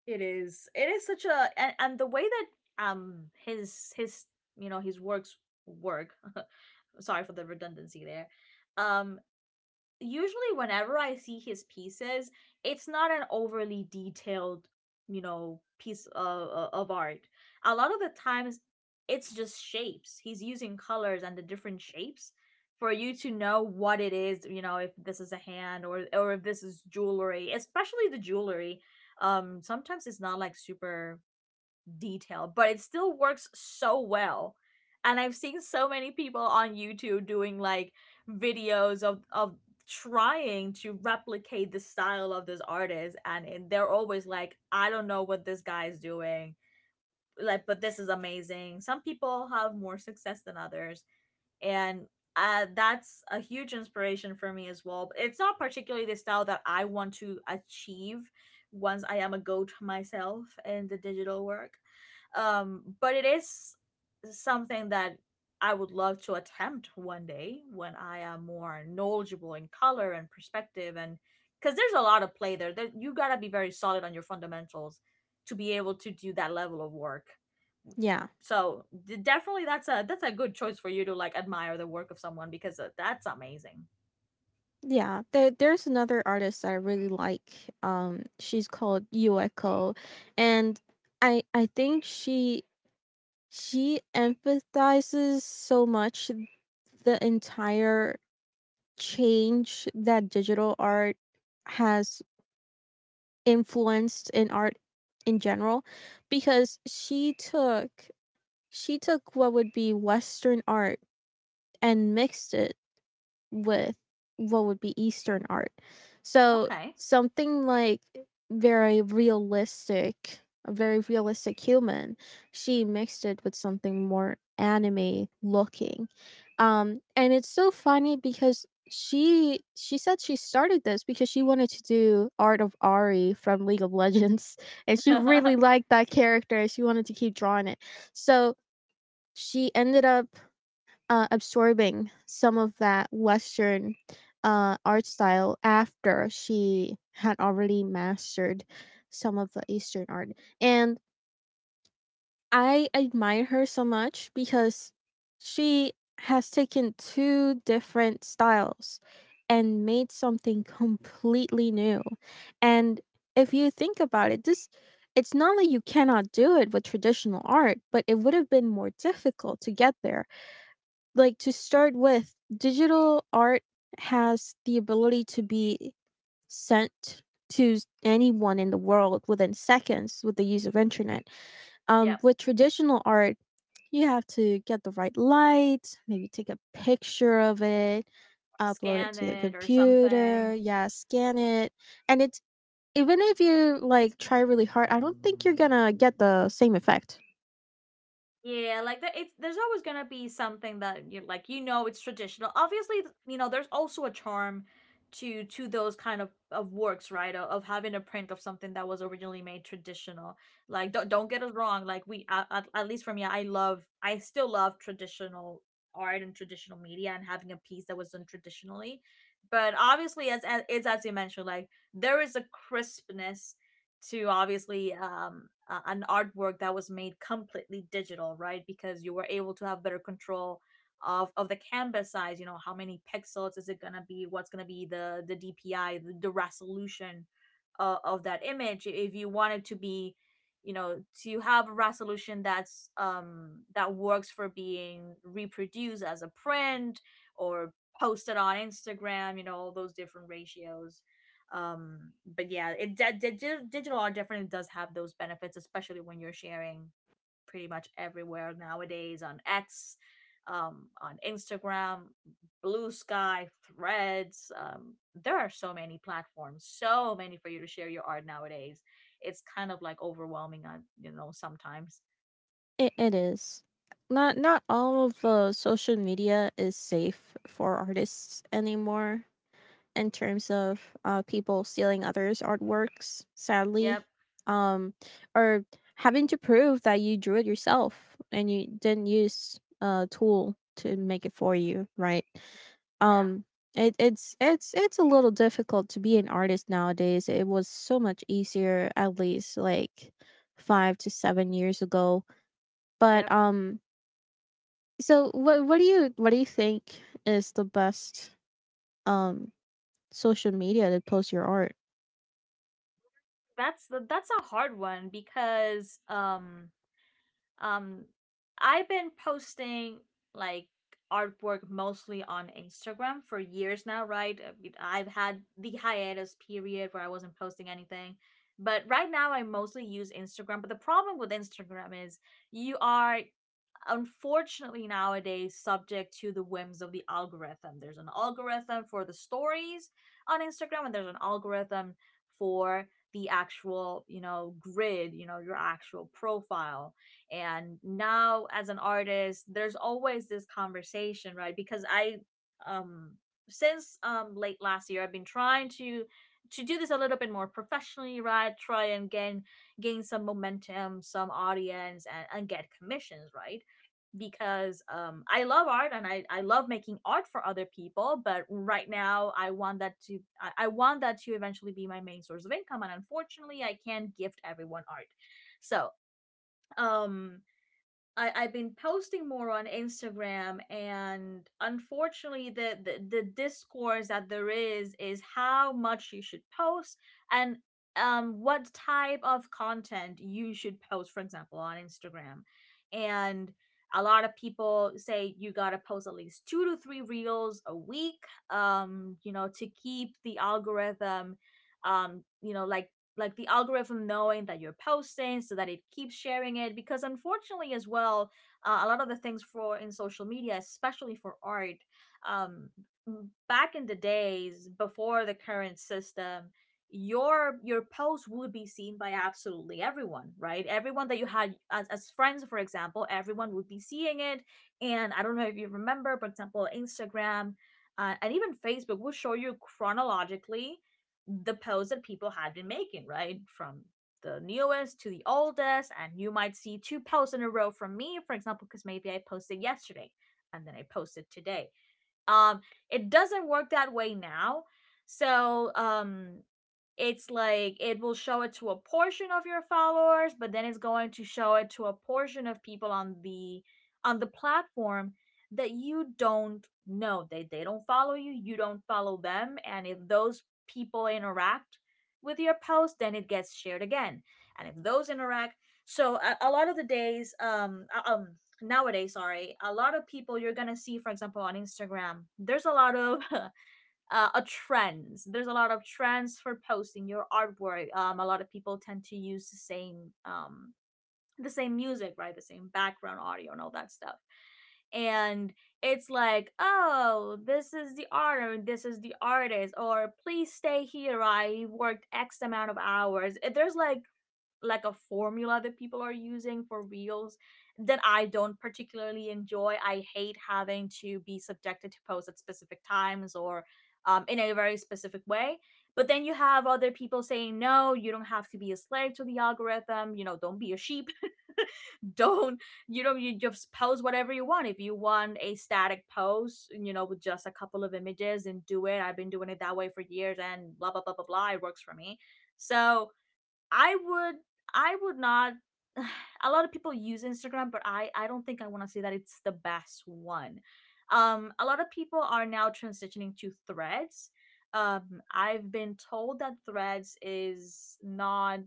S1: It is such a, and the way that his you know his works work. Sorry for the redundancy there. Um, usually whenever I see his pieces, it's not an overly detailed, you know, piece of art. A lot of the times, it's just shapes. He's using colors and the different shapes for you to know what it is. You know, if this is a hand or if this is jewelry, especially the jewelry. Sometimes it's not like super detail, but it still works so well. And I've seen so many people on YouTube doing like videos of trying to replicate the style of this artist, and they're always like, I don't know what this guy is doing. Like, but this is amazing. Some people have more success than others. And that's a huge inspiration for me as well. But it's not particularly the style that I want to achieve once I am a goat myself in the digital work, but it is something that I would love to attempt one day when I am more knowledgeable in color and perspective, and because there's a lot of play there that you gotta be very solid on your fundamentals to be able to do that level of work.
S2: Yeah.
S1: So definitely, that's a good choice for you to like admire the work of someone, because that's amazing.
S2: Yeah, there, there's another artist that I really like. She's called Yueko, and I think she emphasizes so much the entire change that digital art has influenced in art in general because she took what would be Western art and mixed it with what would be Eastern art. So
S1: Okay.
S2: something like very realistic, a very realistic human, she mixed it with something more anime looking. And it's so funny because she said she started this because she wanted to do art of Ari from League of Legends and she really liked that character. She wanted to keep drawing it. So she ended up absorbing some of that Western art style after she had already mastered some of the Eastern art. And I admire her so much because she has taken two different styles and made something completely new. And if you think about it, this it's not that you cannot do it with traditional art, but it would have been more difficult to get there. Like to start with, digital art has the ability to be sent to anyone in the world within seconds with the use of internet.
S1: Yep.
S2: With traditional art, you have to get the right light, maybe take a picture of it, upload it
S1: Scan
S2: to the
S1: it or something.
S2: computer, yeah, scan it, and it's, even if you, like, try really hard, I don't think you're gonna get the same effect.
S1: Yeah, like there's always gonna be something that you like. You know, it's traditional. Obviously, there's also a charm to those kind of works, right? Of having a print of something that was originally made traditional. Like, don't get us wrong. Like we, at least for me, I still love traditional art and traditional media and having a piece that was done traditionally. But obviously, as you mentioned, like there is a crispness to, obviously, an artwork that was made completely digital, right? Because you were able to have better control of the canvas size. You know, how many pixels is it gonna be? What's gonna be the DPI, the resolution of that image? If you want it to be, to have a resolution that's that works for being reproduced as a print or posted on Instagram. You know, all those different ratios, but yeah, it di- digital digital art definitely does have those benefits, especially when you're sharing pretty much everywhere nowadays, on X, on Instagram, Blue Sky, Threads. There are so many platforms, so many for you to share your art nowadays. It's kind of like overwhelming on, you know, sometimes.
S2: It is. Not not all of, social media is safe for artists anymore in terms of, people stealing others' artworks, sadly,
S1: Yep.
S2: um, or having to prove that you drew it yourself and you didn't use a tool to make it for you, right?
S1: Yeah.
S2: um it, it's it's a little difficult to be an artist nowadays. It was so much easier at least like 5 to 7 years ago, but
S1: Yep.
S2: so what do you think is the best um social media to post your art?
S1: That's a hard one because Um, I've been posting, like, artwork mostly on Instagram for years now, right? I mean, I've had the hiatus period where I wasn't posting anything. But right now, I mostly use Instagram. But the problem with Instagram is you are, unfortunately, nowadays subject to the whims of the algorithm. There's an algorithm for the stories on Instagram, and there's an algorithm for the actual, you know, grid, you know, your actual profile. And now as an artist, there's always this conversation, right? Because I um since late last year, I've been trying to do this a little bit more professionally, right? Try and gain some momentum, some audience, and get commissions, right? Because I love art, and I love making art for other people. But right now, I want that to eventually be my main source of income. And unfortunately, I can't gift everyone art. So um, I've been posting more on Instagram, and, unfortunately, the discourse that there is how much you should post and what type of content you should post. For example, on Instagram, and a lot of people say you gotta post at least two to three reels a week, you know, to keep the algorithm, you know, like the algorithm knowing that you're posting so that it keeps sharing it, because, unfortunately, as well, a lot of the things for in social media, especially for art, um back in the days before the current system, your post would be seen by absolutely everyone, right? Everyone that you had as friends, for example, everyone would be seeing it. And I don't know if you remember, for example, Instagram and even Facebook will show you chronologically the posts that people had been making, right? From the newest to the oldest, and you might see two posts in a row from me, for example, because maybe I posted yesterday and then I posted today. Um, it doesn't work that way now. So it's like it will show it to a portion of your followers, but then it's going to show it to a portion of people on the platform that you don't know. They don't follow you, you don't follow them, and if those people interact with your post, then it gets shared again. And if those interact, so a lot of the days, nowadays, sorry, a lot of people, you're gonna see, for example, on Instagram there's a lot of a trend. There's a lot of trends for posting your artwork. A lot of people tend to use the same music, right? The same background audio and all that stuff. And it's like, oh, this is the art, or this is the artist, or please stay here. I worked X amount of hours. There's like a formula that people are using for reels that I don't particularly enjoy. I hate having to be subjected to posts at specific times, or in a very specific way. But then you have other people saying, no, you don't have to be a slave to the algorithm. You know, don't be a sheep. Don't, you just post whatever you want. If you want a static post, with just a couple of images and do it, I've been doing it that way for years and blah, blah, blah, blah, blah. It works for me. So, I would I would not. A lot of people use Instagram, but I don't think I want to say that it's the best one. A lot of people are now transitioning to Threads. I've been told that Threads is not,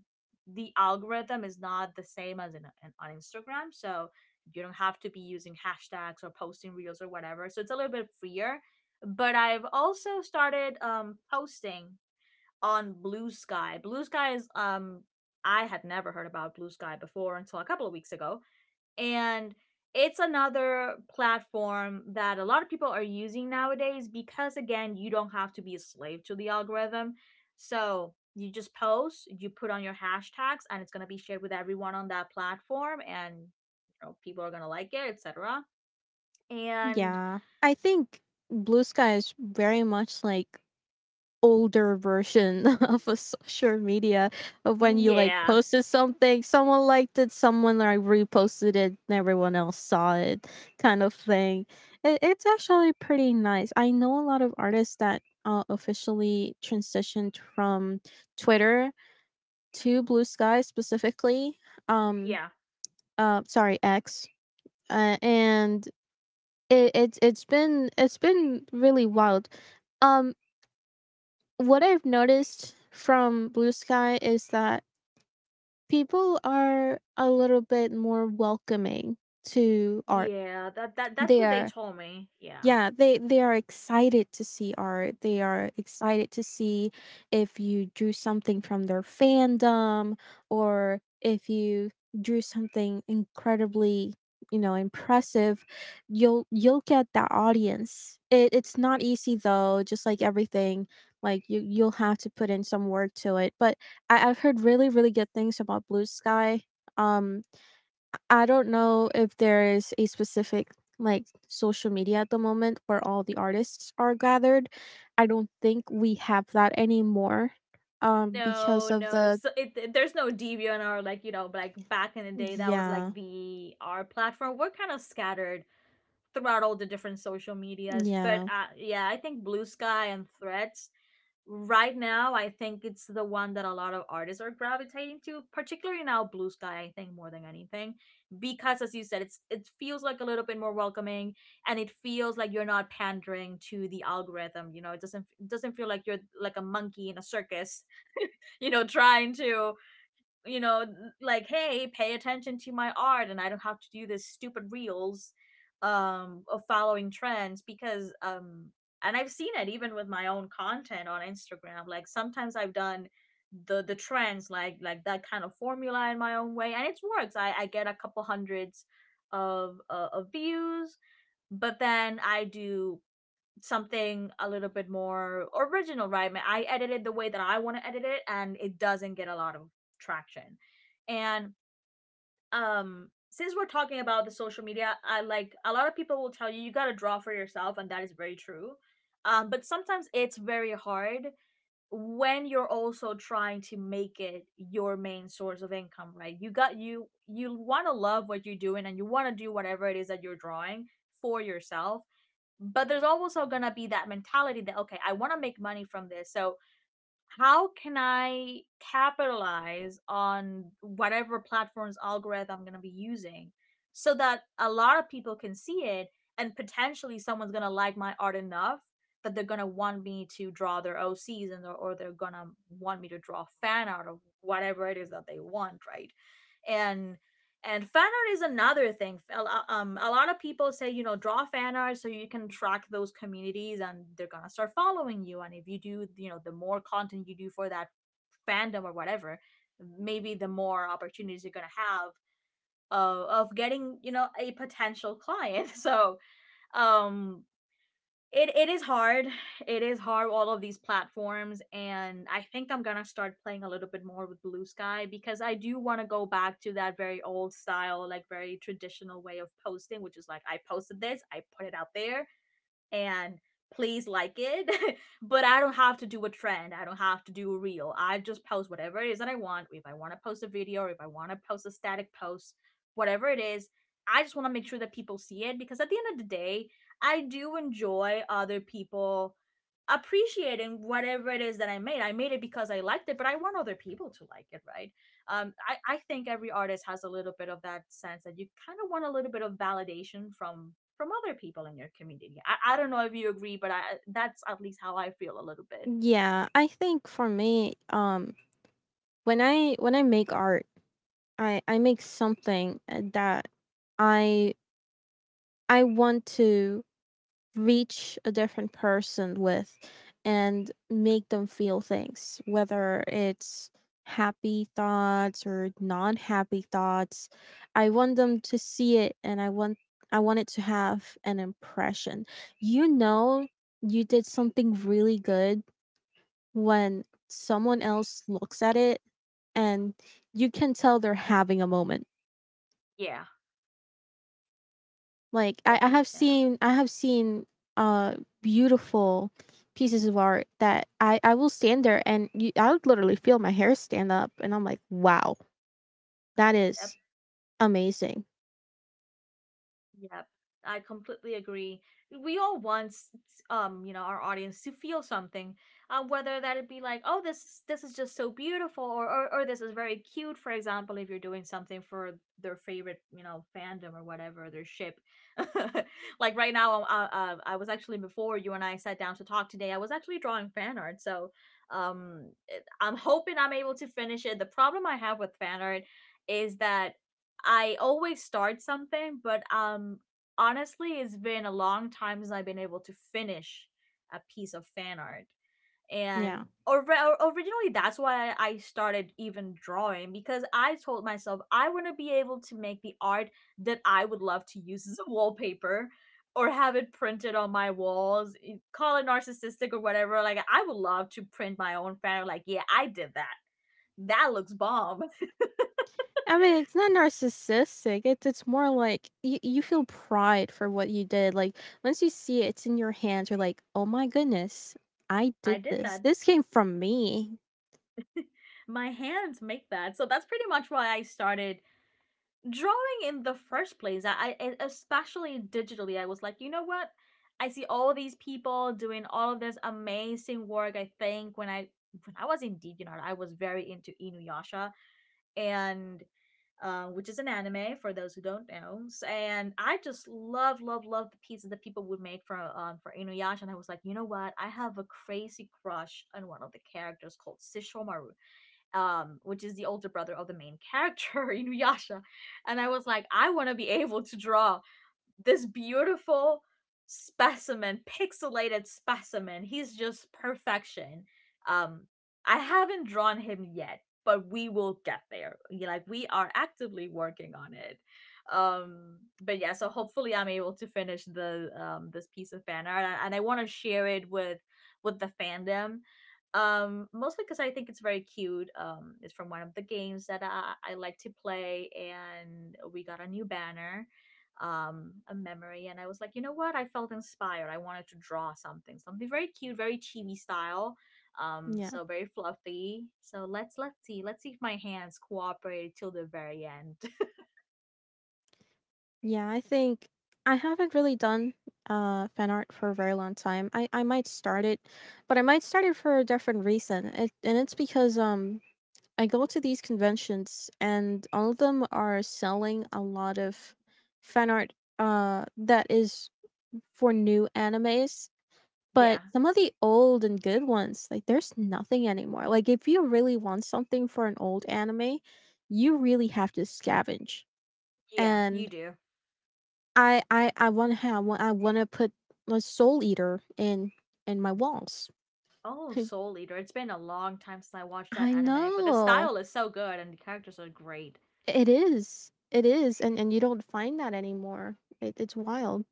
S1: the algorithm is not the same as on Instagram, so you don't have to be using hashtags or posting reels or whatever. So it's a little bit freer. But I've also started posting on Blue Sky. Blue Sky is I had never heard about Blue Sky before until a couple of weeks ago. And it's another platform that a lot of people are using nowadays, because, again, you don't have to be a slave to the algorithm. So you just post, you put on your hashtags, and it's gonna be shared with everyone on that platform, and, you know, people are gonna like it, etc. And
S2: Yeah, I think Blue Sky is very much like older version of a social media of when you like
S1: yeah,
S2: posted something, someone liked it, someone like reposted it, and everyone else saw it, kind of thing. It, it's actually pretty nice. I know a lot of artists that officially transitioned from Twitter to Blue Sky specifically. Um,
S1: yeah,
S2: sorry, X, and it's been it's been really wild. Um, what I've noticed from Blue Sky is that people are a little bit more welcoming to art.
S1: yeah. That's
S2: They
S1: what they
S2: are
S1: told me. Yeah.
S2: Yeah, they are excited to see art. They are excited to see if you drew something from their fandom or if you drew something incredibly, you know, impressive. You'll get that audience. It's not easy though, just like everything. Like you'll have to put in some work to it. But I've heard really, really good things about Blue Sky. Um I don't know if there is a specific like social media at the moment where all the artists are gathered. I don't think we have that anymore because
S1: No,
S2: of
S1: no,
S2: the,
S1: there's no Debian, or, like, like back in the day, that was,
S2: yeah,
S1: like, the our platform. We're kind of scattered throughout all the different social medias, but
S2: yeah.
S1: yeah, I think Blue Sky and Threads right now, I think it's the one that a lot of artists are gravitating to, particularly now Blue Sky. I think more than anything, because, as you said, it feels like a little bit more welcoming, and it feels like you're not pandering to the algorithm. You know, it doesn't feel like you're like a monkey in a circus, you know, trying to, you know, like, hey, pay attention to my art, and I don't have to do this stupid reels of following trends, because and I've seen it even with my own content on Instagram. Like, sometimes I've done the trends, like that kind of formula in my own way, and it works. I get a couple hundreds of views, but then I do something a little bit more original, right? I edited the way that I want to edit it, and it doesn't get a lot of traction. And since we're talking about the social media, I like a lot of people will tell you you gotta draw for yourself, and that is very true. But sometimes it's very hard when you're also trying to make it your main source of income, right? You got you you want to love what you're doing, and you want to do whatever it is that you're drawing for yourself. But there's also going to be that mentality that, okay, I want to make money from this. So how can I capitalize on whatever platform's algorithm I'm going to be using so that a lot of people can see it, and potentially someone's going to like my art enough that they're going to want me to draw their OCs, or they're going to want me to draw fan art of whatever it is that they want, right? And and fan art is another thing. A lot of people say, you know, draw fan art so you can track those communities, and they're gonna start following you. And if you do, you know, the more content you do for that fandom or whatever, maybe the more opportunities you're gonna have of getting, you know, a potential client. So um it is hard. It is hard. All of these platforms, and I think I'm going to start playing a little bit more with Blue Sky because I do want to go back to that very old style, like very traditional way of posting, which is like I posted this, I put it out there and please like it. But I don't have to do a trend. I don't have to do a reel. I just post whatever it is that I want. If I want to post a video, or if I want to post a static post, whatever it is, I just want to make sure that people see it because at the end of the day, I do enjoy other people appreciating whatever it is that I made. I made it because I liked it, but I want other people to like it, right? I think every artist has a little bit of that sense that you kind of want a little bit of validation from other people in your community. I don't know if you agree, but I that's at least how I feel a little bit.
S2: Yeah, I think for me when I make art, I make something that I I want to reach a different person with and make them feel things, whether it's happy thoughts or non happy thoughts. I want them to see it and I want it to have an impression. You know you did something really good when someone else looks at it and you can tell they're having a moment.
S1: Yeah,
S2: Like
S1: yeah, yeah.
S2: I have seen uh beautiful pieces of art that I will stand there and I would literally feel my hair stand up and I'm like, wow, that is amazing.
S1: Yep, I completely agree. We all want our audience to feel something, whether that it be like, oh, this is just so beautiful, or this is very cute. For example, if you're doing something for their favorite, you know, fandom or whatever their ship. Like right now, I was actually before you and I sat down to talk today. I was actually drawing fan art, so I'm hoping I'm able to finish it. The problem I have with fan art is that I always start something, but honestly it's been a long time since I've been able to finish a piece of fan art. And
S2: Yeah.
S1: or originally that's why started even drawing because I told myself I want to be able to make the art that I would love to use as a wallpaper or have it printed on my walls, eh, call it narcissistic or whatever. Like I would love to print my own fan art, like yeah, I did that. That looks bomb.
S2: I mean, it's not narcissistic. It's more like you feel pride for what you did. Like once you see it, it's in your hands. You're like, oh my goodness, I did
S1: I did
S2: this.
S1: that.
S2: This came from me.
S1: My hands make that. So that's pretty much why I started drawing in the first place. I especially digitally, I was like, you know what? I see all these people doing all of this amazing work. I think when I was in Deviant Art, I was very into Inuyasha, and which is an anime for those who don't know. And I just love, love, love the pieces that people would make for Inuyasha. And I was like, you know what? I have a crazy crush on one of the characters called Sesshomaru, which is the older brother of the main character, Inuyasha. And I was like, I want to be able to draw this beautiful specimen, pixelated specimen. He's just perfection. Um, I haven't drawn him yet, but we will get there. Like we are actively working on it. But yeah, so hopefully I'm able to finish the this piece of fan art, and I want to share it with the fandom. Mostly because I think it's very cute. It's from one of the games that I like to play, and we got a new banner, a memory, and I was like, you know what? I felt inspired. I wanted to draw something, something very cute, very chibi style,
S2: Yeah.
S1: so very fluffy. So let's see if my hands cooperate till the very end.
S2: Yeah, I think I haven't really done fan art for a very long time. I might start it, but I might start it for a different reason. It, and it's because I go to these conventions and all of them are selling a lot of fan art that is for new animes. But
S1: Yeah,
S2: some of the old and good ones, like there's nothing anymore. Like if you really want something for an old anime, you really have to scavenge.
S1: yeah, you
S2: And
S1: do.
S2: I wanna have I wanna put a Soul Eater in my walls.
S1: Oh, Soul Eater. It's been a long time since I watched that
S2: I
S1: anime, but the
S2: know.
S1: style is so good and the characters are great.
S2: It is. It is, and you don't find that anymore. It it's wild.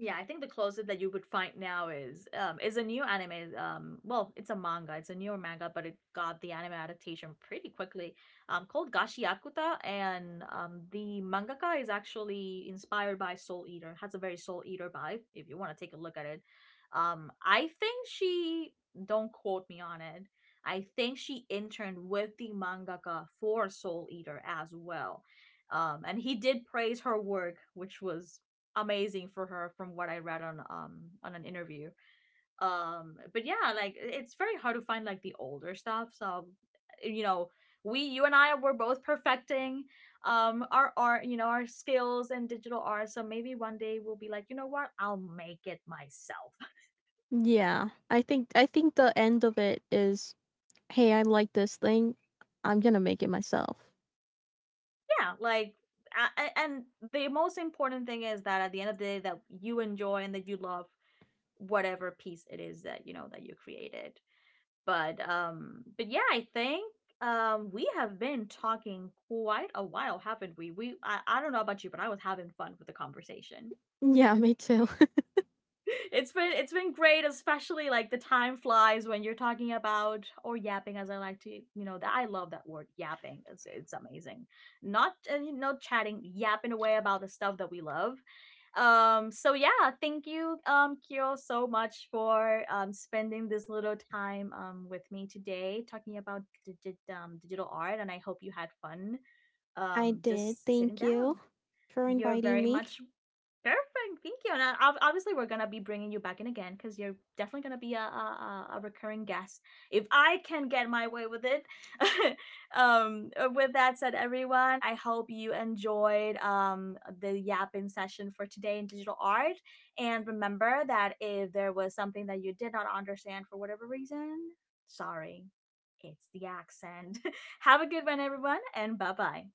S1: Yeah, I think the closest that you would find now is a new anime. Well, it's a manga. It's a newer manga, but it got the anime adaptation pretty quickly. Called Gashiakuta, and the mangaka is actually inspired by Soul Eater. Has a very Soul Eater vibe. If you want to take a look at it, I think she don't quote me on it. I think she interned with the mangaka for Soul Eater as well. And he did praise her work, which was amazing for her from what I read on an interview. But yeah, like it's very hard to find like the older stuff. So you know, we you and I were both perfecting our art, you know, our skills in digital art. So maybe one day we'll be like, you know what? I'll make it myself.
S2: Yeah. I think the end of it is, "Hey, I like this thing. I'm gonna make it myself."
S1: Yeah, like I, and the most important thing is that at the end of the day that you enjoy and that you love whatever piece it is that that you created. But yeah, I think we have been talking quite a while, haven't we? I don't know about you, but I was having fun with the conversation.
S2: Yeah, me too.
S1: It's been, it's been great, especially like the time flies when you're talking about or yapping, as I like to. That I love that word, yapping. It's amazing. Not chatting, yapping away about the stuff that we love. So yeah, thank you, Kyo, so much for spending this little time with me today, talking about digital art, and I hope you had fun
S2: I did.
S1: just sitting
S2: Thank you
S1: down.
S2: for
S1: You're
S2: inviting
S1: very
S2: me.
S1: much. Perfect. Thank you. And obviously, we're gonna be bringing you back in again because you're definitely gonna be a recurring guest if I can get my way with it. With that said, everyone, I hope you enjoyed the yapping session for today in digital art. And remember that if there was something that you did not understand for whatever reason, sorry, it's the accent. Have a good one, everyone, and bye bye.